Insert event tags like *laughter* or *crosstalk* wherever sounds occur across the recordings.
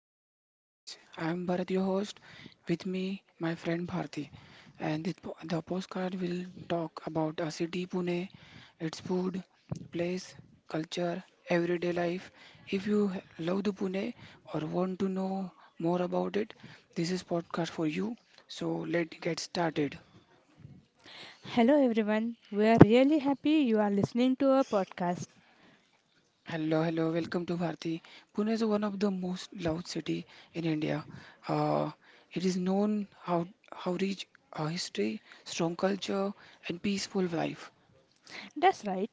welcome to Pune Diaries. I am Bharat, your host. With me, my friend Bharti, and the postcard will talk about a city, Pune, its food, place, culture, everyday life. If you love the Pune or want to know more about it, this is podcast for you. So let's get started. Hello everyone, we are really happy you are listening to our podcast. Hello, hello, welcome to Bharti. Pune is one of the most loved city in India. Uh, it is known how rich history, strong culture, and peaceful life. That's right,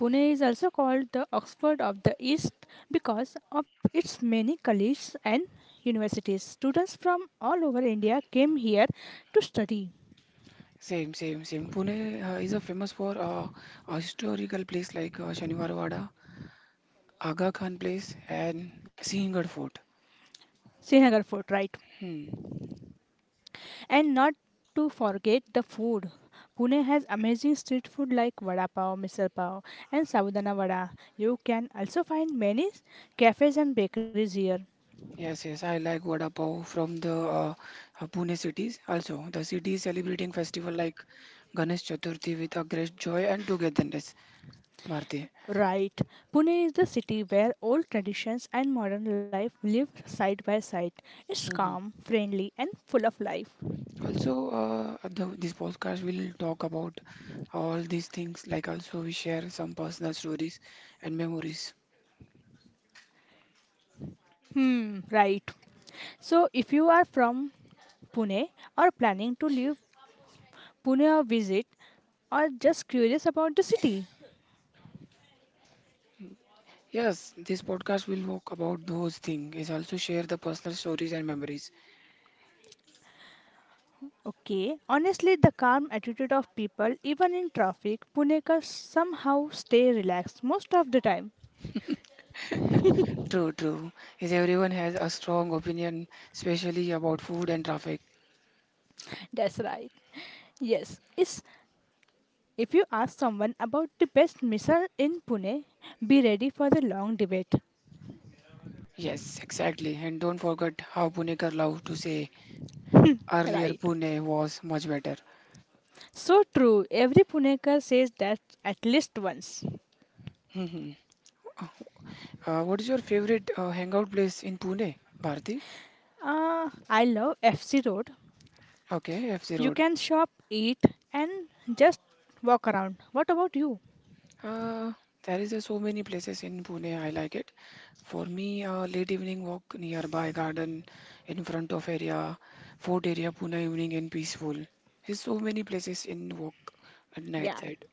Pune is also called the Oxford of the East because of its many colleges and universities. Students from all over India came here to study. Same, same, same. Pune is a famous for a historical place like Shaniwarwada, Aga Khan Place, and Sinhgad Fort. Srinagar Fort, right? Hmm. And not to forget the food. Pune has amazing street food like vada pav, misal pav, and sabudana vada. You can also find many cafes and bakeries here. Yes, yes, I like vada pav from the Pune cities. Also, the city is celebrating festival like Ganesh Chaturthi with a great joy and togetherness. Bharti. Right. Pune is the city where old traditions and modern life live side by side. It's hmm calm, friendly, and full of life. Also, this podcast will talk about all these things. Like also, we share some personal stories and memories. Hmm, right. So, if you are from Pune or planning to leave Pune or visit, or just curious about the city, Yes, this podcast will talk about those things. Is also share the personal stories and memories. okay, honestly, the calm attitude of people, even in traffic, Punekars somehow stay relaxed most of the time. True, true. Is everyone has a strong opinion, especially about food and traffic. That's right. Yes, it's. If you ask someone about the best missile in Pune, be ready for the long debate. Yes, exactly. And don't forget how Punekar love to say earlier Right. Pune was much better. So true. Every Punekar says that at least once. hmm what is your favorite hangout place in Pune, Bharti? I love FC Road. Okay, FZ You Road. can shop, eat, and just walk around. What about you? Uh, there is so many places in Pune. I like it. For me, late evening walk nearby garden, in front of area, fort area, Pune evening and peaceful. There's so many places in walk at night Yeah, side.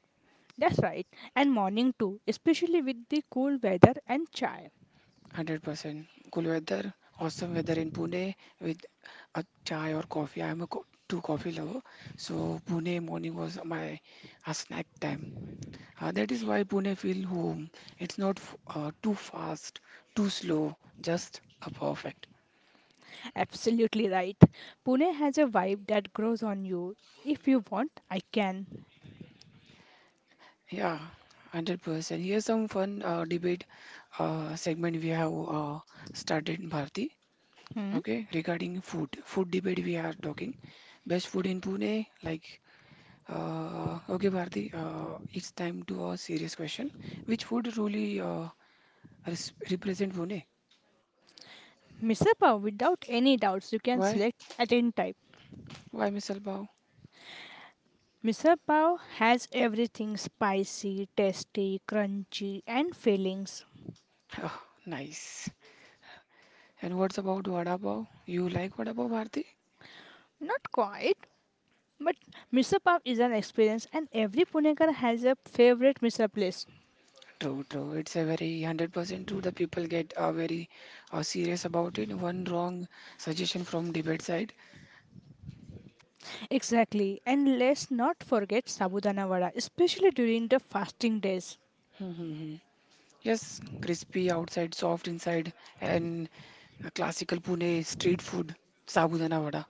that's right. And morning too, especially with the cool weather and chai. 100% cool weather, awesome weather in Pune with a chai or coffee. I'm a co two coffee lover, so Pune morning was my a snack time. That is why Pune feels home. It's not too fast, too slow, just a perfect. Absolutely right. Pune has a vibe that grows on you. If you want, I can. Yeah, 100%. Here's some fun debate segment we have started, Bharti. Hmm? Okay, regarding food. Food debate we are talking. Best food in Pune, like, okay, Bharti, it's time to a serious question. Which food truly represent Pune? Misal pav, without any doubts, you can Why? select at any type. Why, Mr. Bao? Misal pav has everything spicy, tasty, crunchy, and fillings. *laughs* nice. And what's about vada pav? You like vada pav, Bharti? Not quite, but misal pav is an experience, and every Punekar has a favorite misal place. True, true. It's a very 100% true. The people get very serious about it. One wrong suggestion from debate side. Exactly, and let's not forget sabudana vada, especially during the fasting days. Mhm. Yes, crispy outside, soft inside, and a classical Pune street food, sabudana vada.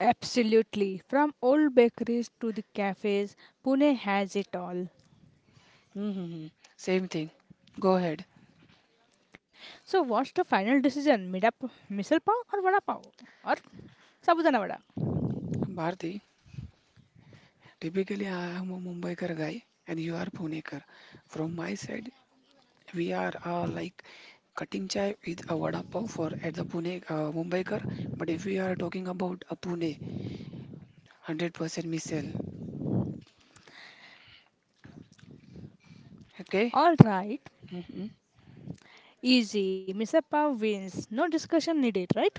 Absolutely, from old bakeries to the cafes, Pune has it all. Mhm. Same thing. Go ahead. So, what's the final decision? Mida, misal pav or vada pav or sabudana vada? Bharti, typically I am a Mumbaikar guy and you are Punekar. From my side, we are like cutting chai with a vada pav for at the Pune Mumbaikar. But if we are talking about a Pune, 100% missile. Okay? All right, hmm easy. Misal pav wins. No discussion needed, right?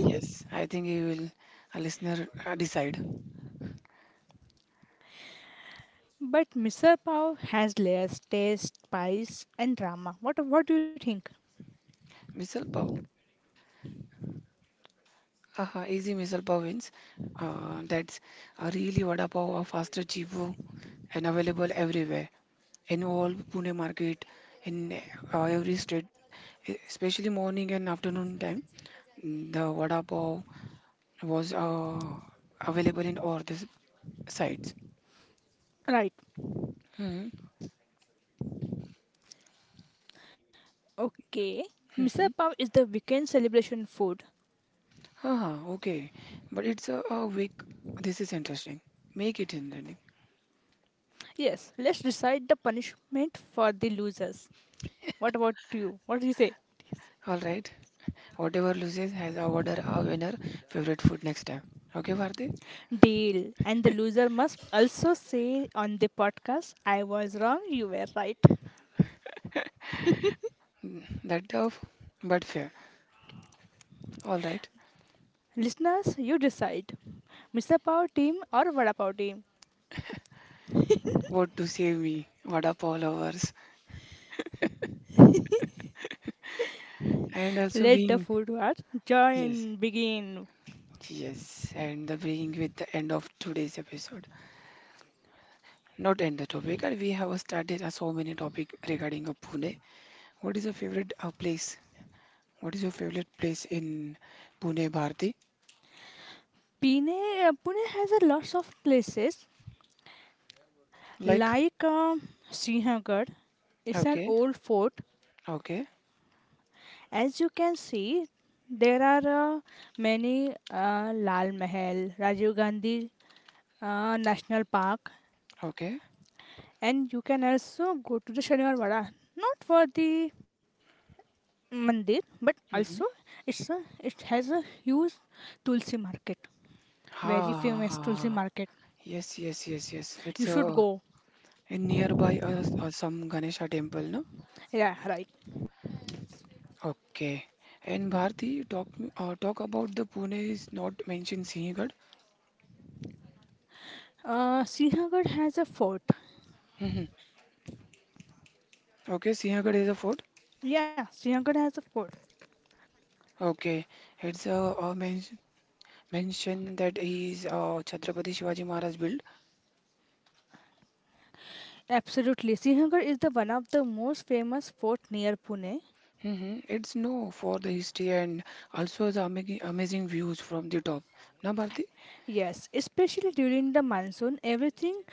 Yes, I think you will a listener decide. But misal pav has layers, taste, spice, and drama. What do you think? Missile pav. Aha, easy missile pav wins. That's a really vada pav, a faster, cheaper, and available everywhere in all Pune market, in every street, especially morning and afternoon time. The vada pav was available in all the sites. Right. Hmm. Okay. Misal Mm-hmm. pav is the weekend celebration food. Ah, okay. But it's a week. This is interesting. Make it interesting. Yes. Let's decide the punishment for the losers. What about you? What do you say? All right. Whatever loses has a order a winner favorite food next time. Okay, Bharti? Deal. And the loser must also say on the podcast, I was wrong, you were right. Mm, that tough, but fair. All right. Listeners, you decide. Mr. Pav team or Vada Pav team. What to say me? What up, all lovers? And also Let the being food wars yes, join begin. yes, and the being with the end of today's episode. Not end the topic. And we have started a so many topic regarding a Pune. What is your favorite place? What is your favorite place in Pune, Bharti? Pune, Pune has a lots of places Like, like Sinhagad. It's an okay, old fort. okay, As you can see, there are many Lal Mahal, Rajiv Gandhi National Park, okay. and you can also go to the Shaniwar Vada, not for the mandir, but also Mm-hmm. It has a huge tulsi market, Ha, very ha, famous ha, tulsi ha. market. Yes, yes, yes, yes. You It's should a go. in nearby some Ganesha temple, no? Yeah, right. Okay. And Bharti, talk about the Pune is not mentioned Sinhgad. Sinhagad has a fort. hmm Okay, Sinhgad is a fort. Yeah, Sinhagad has a fort. Okay, it's a mention that is Chhatrapati Shivaji Maharaj built. Absolutely, Sinhagad is the one of the most famous fort near Pune. It's no for the history and also the amazing, amazing views from the top. Na Bharti? Yes, especially during the monsoon, everything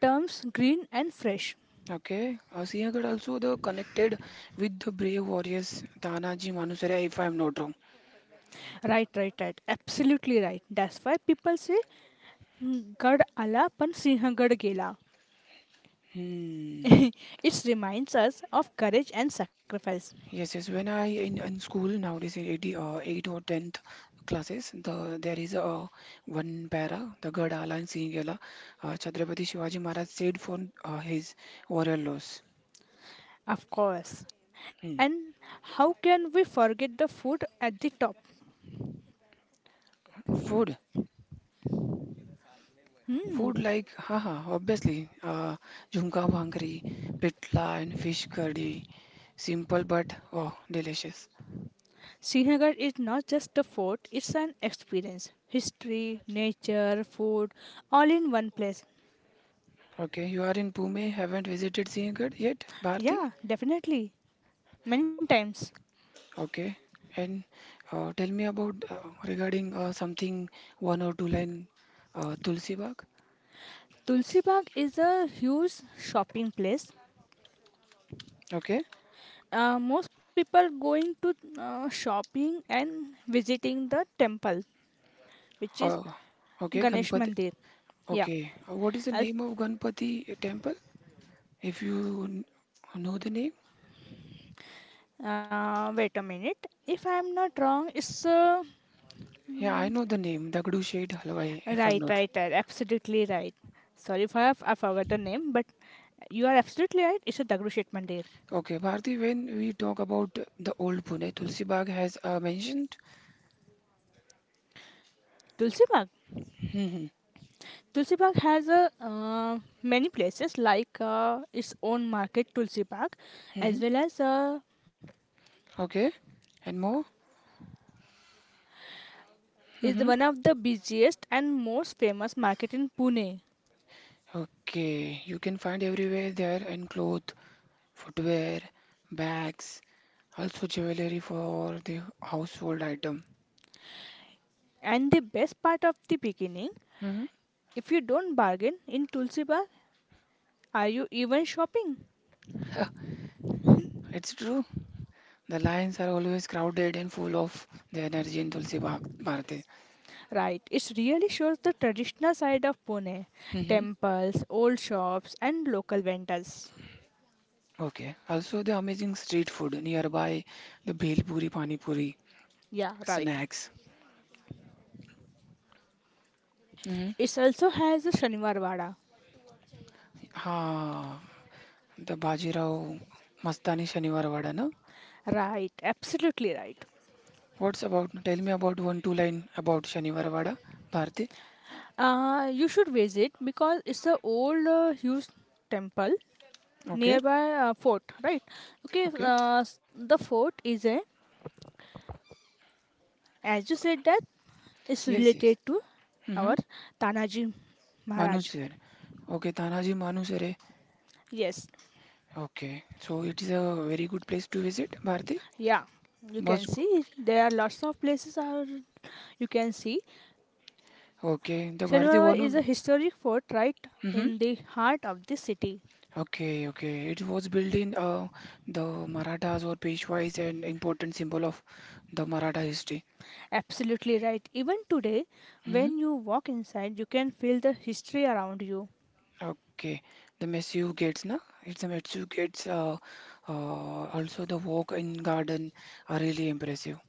turns green and fresh. Okay. Siaga also the connected with the brave warriors Tanaji Manusaria, if I'm not wrong. Right, right, right. Absolutely right. That's why people say गड आला पण सिंहगड गेला. *laughs* Hmm. It reminds us of courage and sacrifice, Yes, yes. When I in school nowadays in 80, 8 or 10th classes, there is a one para, the Gadala and Singela, Chhatrapati Shivaji Maharaj said for his warrior loss. of course. Hmm. And how can we forget the fort at the top? Food. Food Hmm. like, haha, obviously, jhumka bhangri, pitla, and fish curry. Simple but oh, delicious. Sinhagad is not just a fort, it's an experience. History, nature, food, all in one place. Okay, you are in Pune, haven't visited Sinhgad yet, Bharti? Yeah, definitely. Many times. Okay, and tell me about regarding something one or two line Tulsi Bagh. Tulsi Bagh is a huge shopping place. Okay, Most people going to shopping and visiting the temple, which is uh, okay, Ganesh Ganpati. Mandir. Yeah. Okay, what is the I'll, name of Ganpati temple? If you know the name, Wait a minute. If I'm not wrong, yeah, I mm, know the name, Dagdu Shed Halwai, if I'm right, not. right, right. Absolutely right. Sorry if I, have, I forgot the name, but you are absolutely right. It's a Dagushet Mandir. Okay, Bharti, when we talk about the old Pune, Tulsi Bagh has mentioned. Tulsi Bagh. hmm Tulsi Bagh has many places like its own market, Tulsi Bagh, as hmm well as Okay, and more. is hmm one of the busiest and most famous market in Pune. Okay, you can find everywhere there and clothes, footwear, bags, also jewelry for the household item. And the best part of the beginning, hmm if you don't bargain in Tulsi Bar, are you even shopping? It's true. The lines are always crowded and full of the energy in Tulsi Bagh, Bharti. Right, it really shows the traditional side of Pune. hmm Temples, old shops and local vendors. Okay, also the amazing street food nearby, the Bhelpuri, Pani Puri, Yeah, right. snacks. It also has a Shaniwarwada. Ah, the Bajirao Mastani Shaniwar Wada, no? Right, absolutely right. What's about? Tell me about one, two line about Shaniwar Wada, Bharti. You should visit because it's an old huge temple Okay, nearby fort, right? Okay, okay. The fort is as you said that, is Yes, yes. related to Mm-hmm. our Tanaji Manu Maharaj. sir. Okay, Tanaji Manu sir. Eh? Yes, Okay, so it is a very good place to visit, Bharti. yeah, you can Must. see there are lots of places are You can see. Okay, the Bharti Shalimar Bagh one of. is a historic fort right Mm-hmm. in the heart of the city. Okay, okay. It was built in the Marathas or Peshwais, an important symbol of the Maratha history. Absolutely right. Even today, Mhm. when you walk inside, you can feel the history around you. Okay, the massive gates, na? It's a massive gates. Also, the walk in garden are really impressive.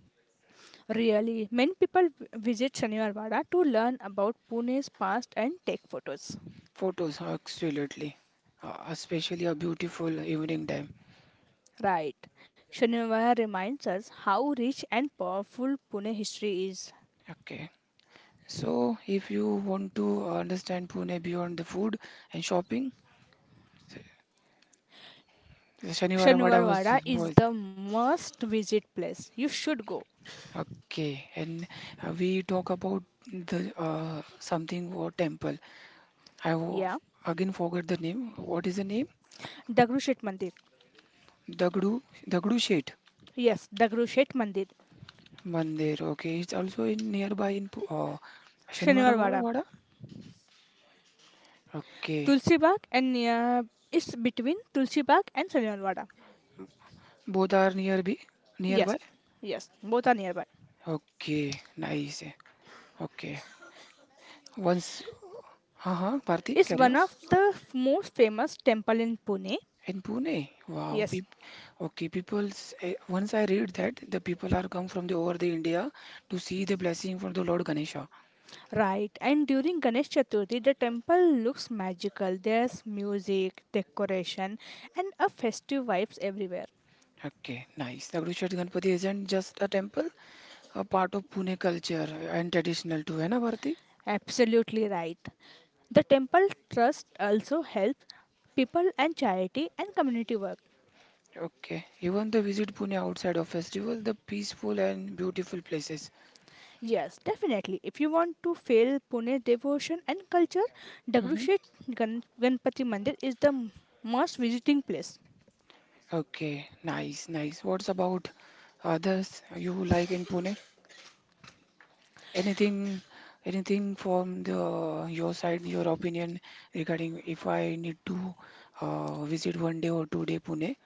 Really, many people visit Shanivarwada to learn about Pune's past and take photos. Photos, absolutely. Especially a beautiful evening time. Right. Shanivarwada reminds us how rich and powerful Pune history is. Okay. So, if you want to understand Pune beyond the food and shopping, Shaniwara Vada Shanivarwada is was the must visit place. You should go. okay. And we talk about the something or temple. I w- Yeah. again forget the name. What is the name? Dagrusheth Mandir. Dagdu Shet Yes, Dagrusheth Mandir. Mandir. Okay, it's also in nearby in Shanivara Shanivarwada. Wada. Okay, Tulsi Bagh and near is between Tulsi Bagh and Shanivarwada. both are nearby. Yes, Nearby. yes, both are nearby. Okay, nice. Okay, once. Uh huh. Bharti, It's carry on. one of the most famous temple in Pune. In Pune. Wow. Yes, Peop okay, people's. Eh, once I read that the people are come from the over the India to see the blessing from the Lord Ganesha. right. And during Ganesh Chaturthi, the temple looks magical. There's music, decoration, and a festive vibes everywhere. Okay, nice. Dagdushet Ganpati isn't just a temple, a part of Pune culture and traditional too, है ना Bharti. Absolutely right. The temple trust also helps people and charity and community work. Okay. Even the visit Pune outside of festival, the peaceful and beautiful places. Yes, definitely. If you want to feel Pune devotion and culture, hmm Dagrushit Ganpati Mandir is the must visiting place. Okay. Nice, nice. What's about others you like in Pune? Anything, anything from the your side, your opinion regarding if I need to visit one day or two-day Pune?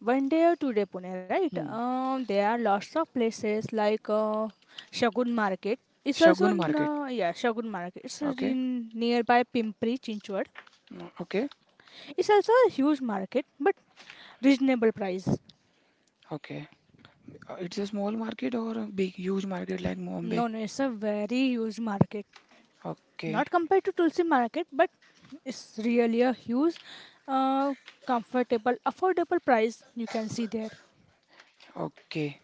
One day or today Pune, right? Hmm. There are lots of places like Shagun Market. It's also Shagun Market. Yeah Shagun Market. It's Okay. in nearby Pimpri Chinchwad. Mm, okay. It's also a huge market, but reasonable price. Okay. It's a small market or a big, huge market like Mumbai? No, no, it's a very huge market. Okay. Not compared to Tulsi Market, but it's really a huge, uh, comfortable, affordable price you can see there. Okay.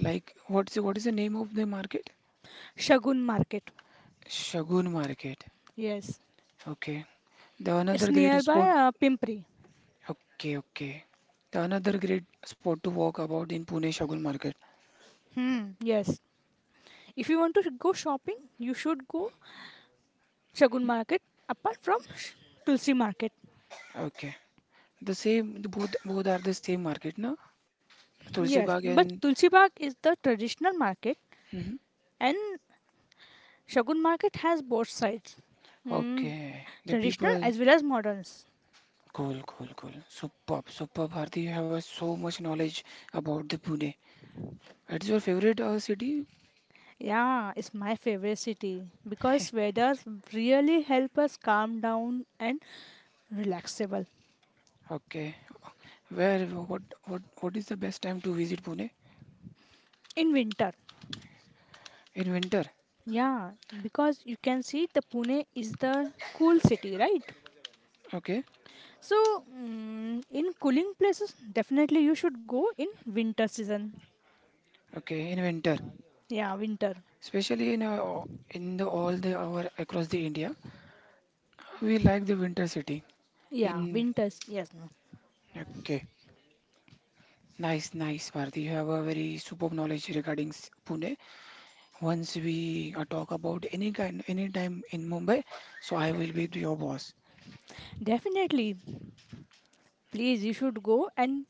Like what's what is the name of the market? Shagun Market. Shagun Market. Yes. Okay. The It's another great nearby spot. Pimpri. Okay, okay. The another great spot to walk about in Pune Shagun Market. Hmm. Yes. If you want to go shopping, you should go Shagun Market apart from Tulsi Market. Okay. The same. The both are the same market, no? Tulsi Yes, Bagh but and. Tulsi Bagh is the traditional market Mhm. and Shagun Market has both sides. Mm, Okay. The traditional people. as well as moderns. Cool, cool, cool. Superb, superb, Bharti. You have so much knowledge about the Pune. It's your favorite city? Yeah, it's my favorite city because weather really help us calm down and relaxable Okay. Where? What? What? What is the best time to visit Pune? in winter. In winter, Yeah, because you can see the Pune is the cool city, right? okay, So, mm, in cooling places, definitely you should go in winter season. okay, in winter, Yeah, winter. especially in the all the our across the India, we like the winter city. Yeah, In winters. Yes, no. okay, nice, nice, Bharti. You have a very superb knowledge regarding Pune. Once we talk about any kind, any time in Mumbai, so I will be your boss. Definitely, please, you should go and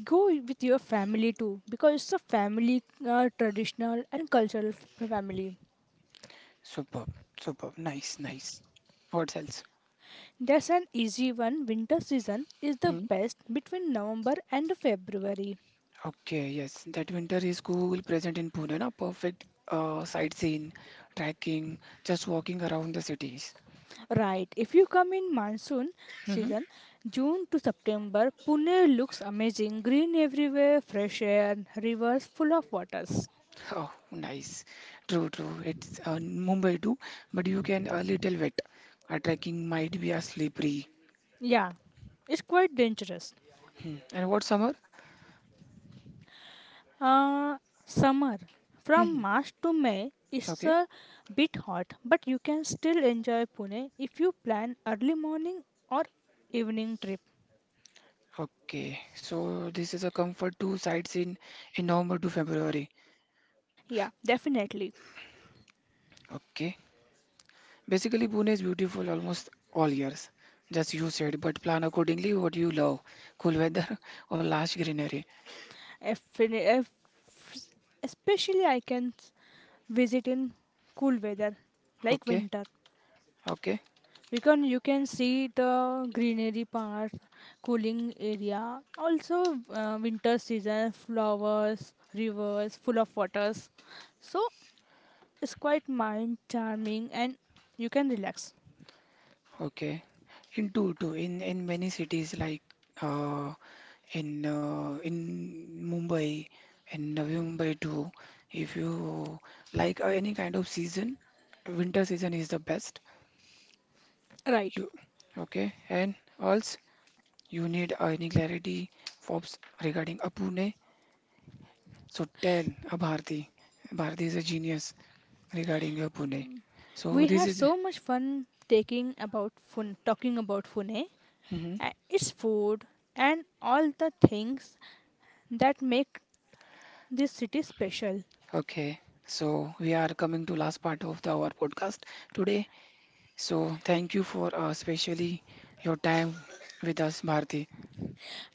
go with your family too because it's a family traditional and cultural family. Superb, superb, nice, nice. What else? That's an easy one. Winter season is the Hmm? best between November and February. Okay, yes, that winter is cool present in Pune, na? Perfect sightseeing, trekking, just walking around the cities. Right. If you come in monsoon hmm season, June to September, Pune looks amazing. Green everywhere, fresh air, rivers full of waters. Oh, nice. True, true. It's Mumbai too, but you can a little wet. Trekking might be a slippery. Yeah, it's quite dangerous. Hmm. And what summer? Uh, Summer. From hmm March to May, it's Okay, a bit hot, but you can still enjoy Pune if you plan early morning or evening trip. okay. So this is a comfort to sightseeing in November to February. Yeah, definitely. Okay. Basically, Pune is beautiful almost all years, just you said, but plan accordingly what you love, cool weather *laughs* or lush greenery. If especially I can visit in cool weather like Okay, winter okay, because you can see the greenery part cooling area also winter season flowers rivers full of waters, so it's quite mind charming and you can relax, okay. In two, two, in many cities like uh, in Mumbai, in Navi Mumbai too. If you like any kind of season, winter season is the best. right. You okay? And else you need any clarity, Forbes regarding a Pune. So tell Bharti, Bharti is a genius regarding your Pune. So We this had is so much fun taking about fun talking about Pune, Mhm. Its food and all the things that make this city special. Okay. So we are coming to last part of our podcast today. So thank you for especially your time with us, Bharti.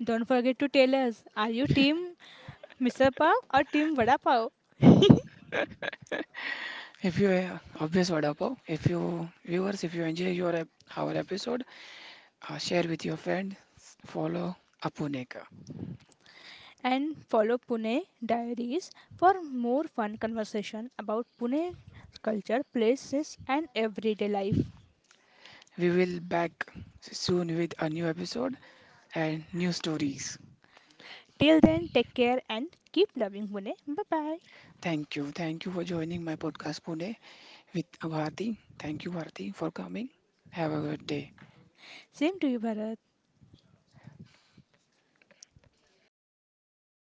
Don't forget to tell us, are you team Misal Pav or team Vada Pav? If you obvious vada pav, if you viewers, if you enjoy your our episode, share with your friends. Follow Apuneka. And follow Pune Diaries for more fun conversation about Pune culture, places, and everyday life. We will back soon with a new episode and new stories. Till then, take care and keep loving Pune. Bye bye. Thank you. Thank you for joining my podcast, Pune, with Bharti. Thank you, Bharti, for coming. Have a good day. Same to you, Bharat.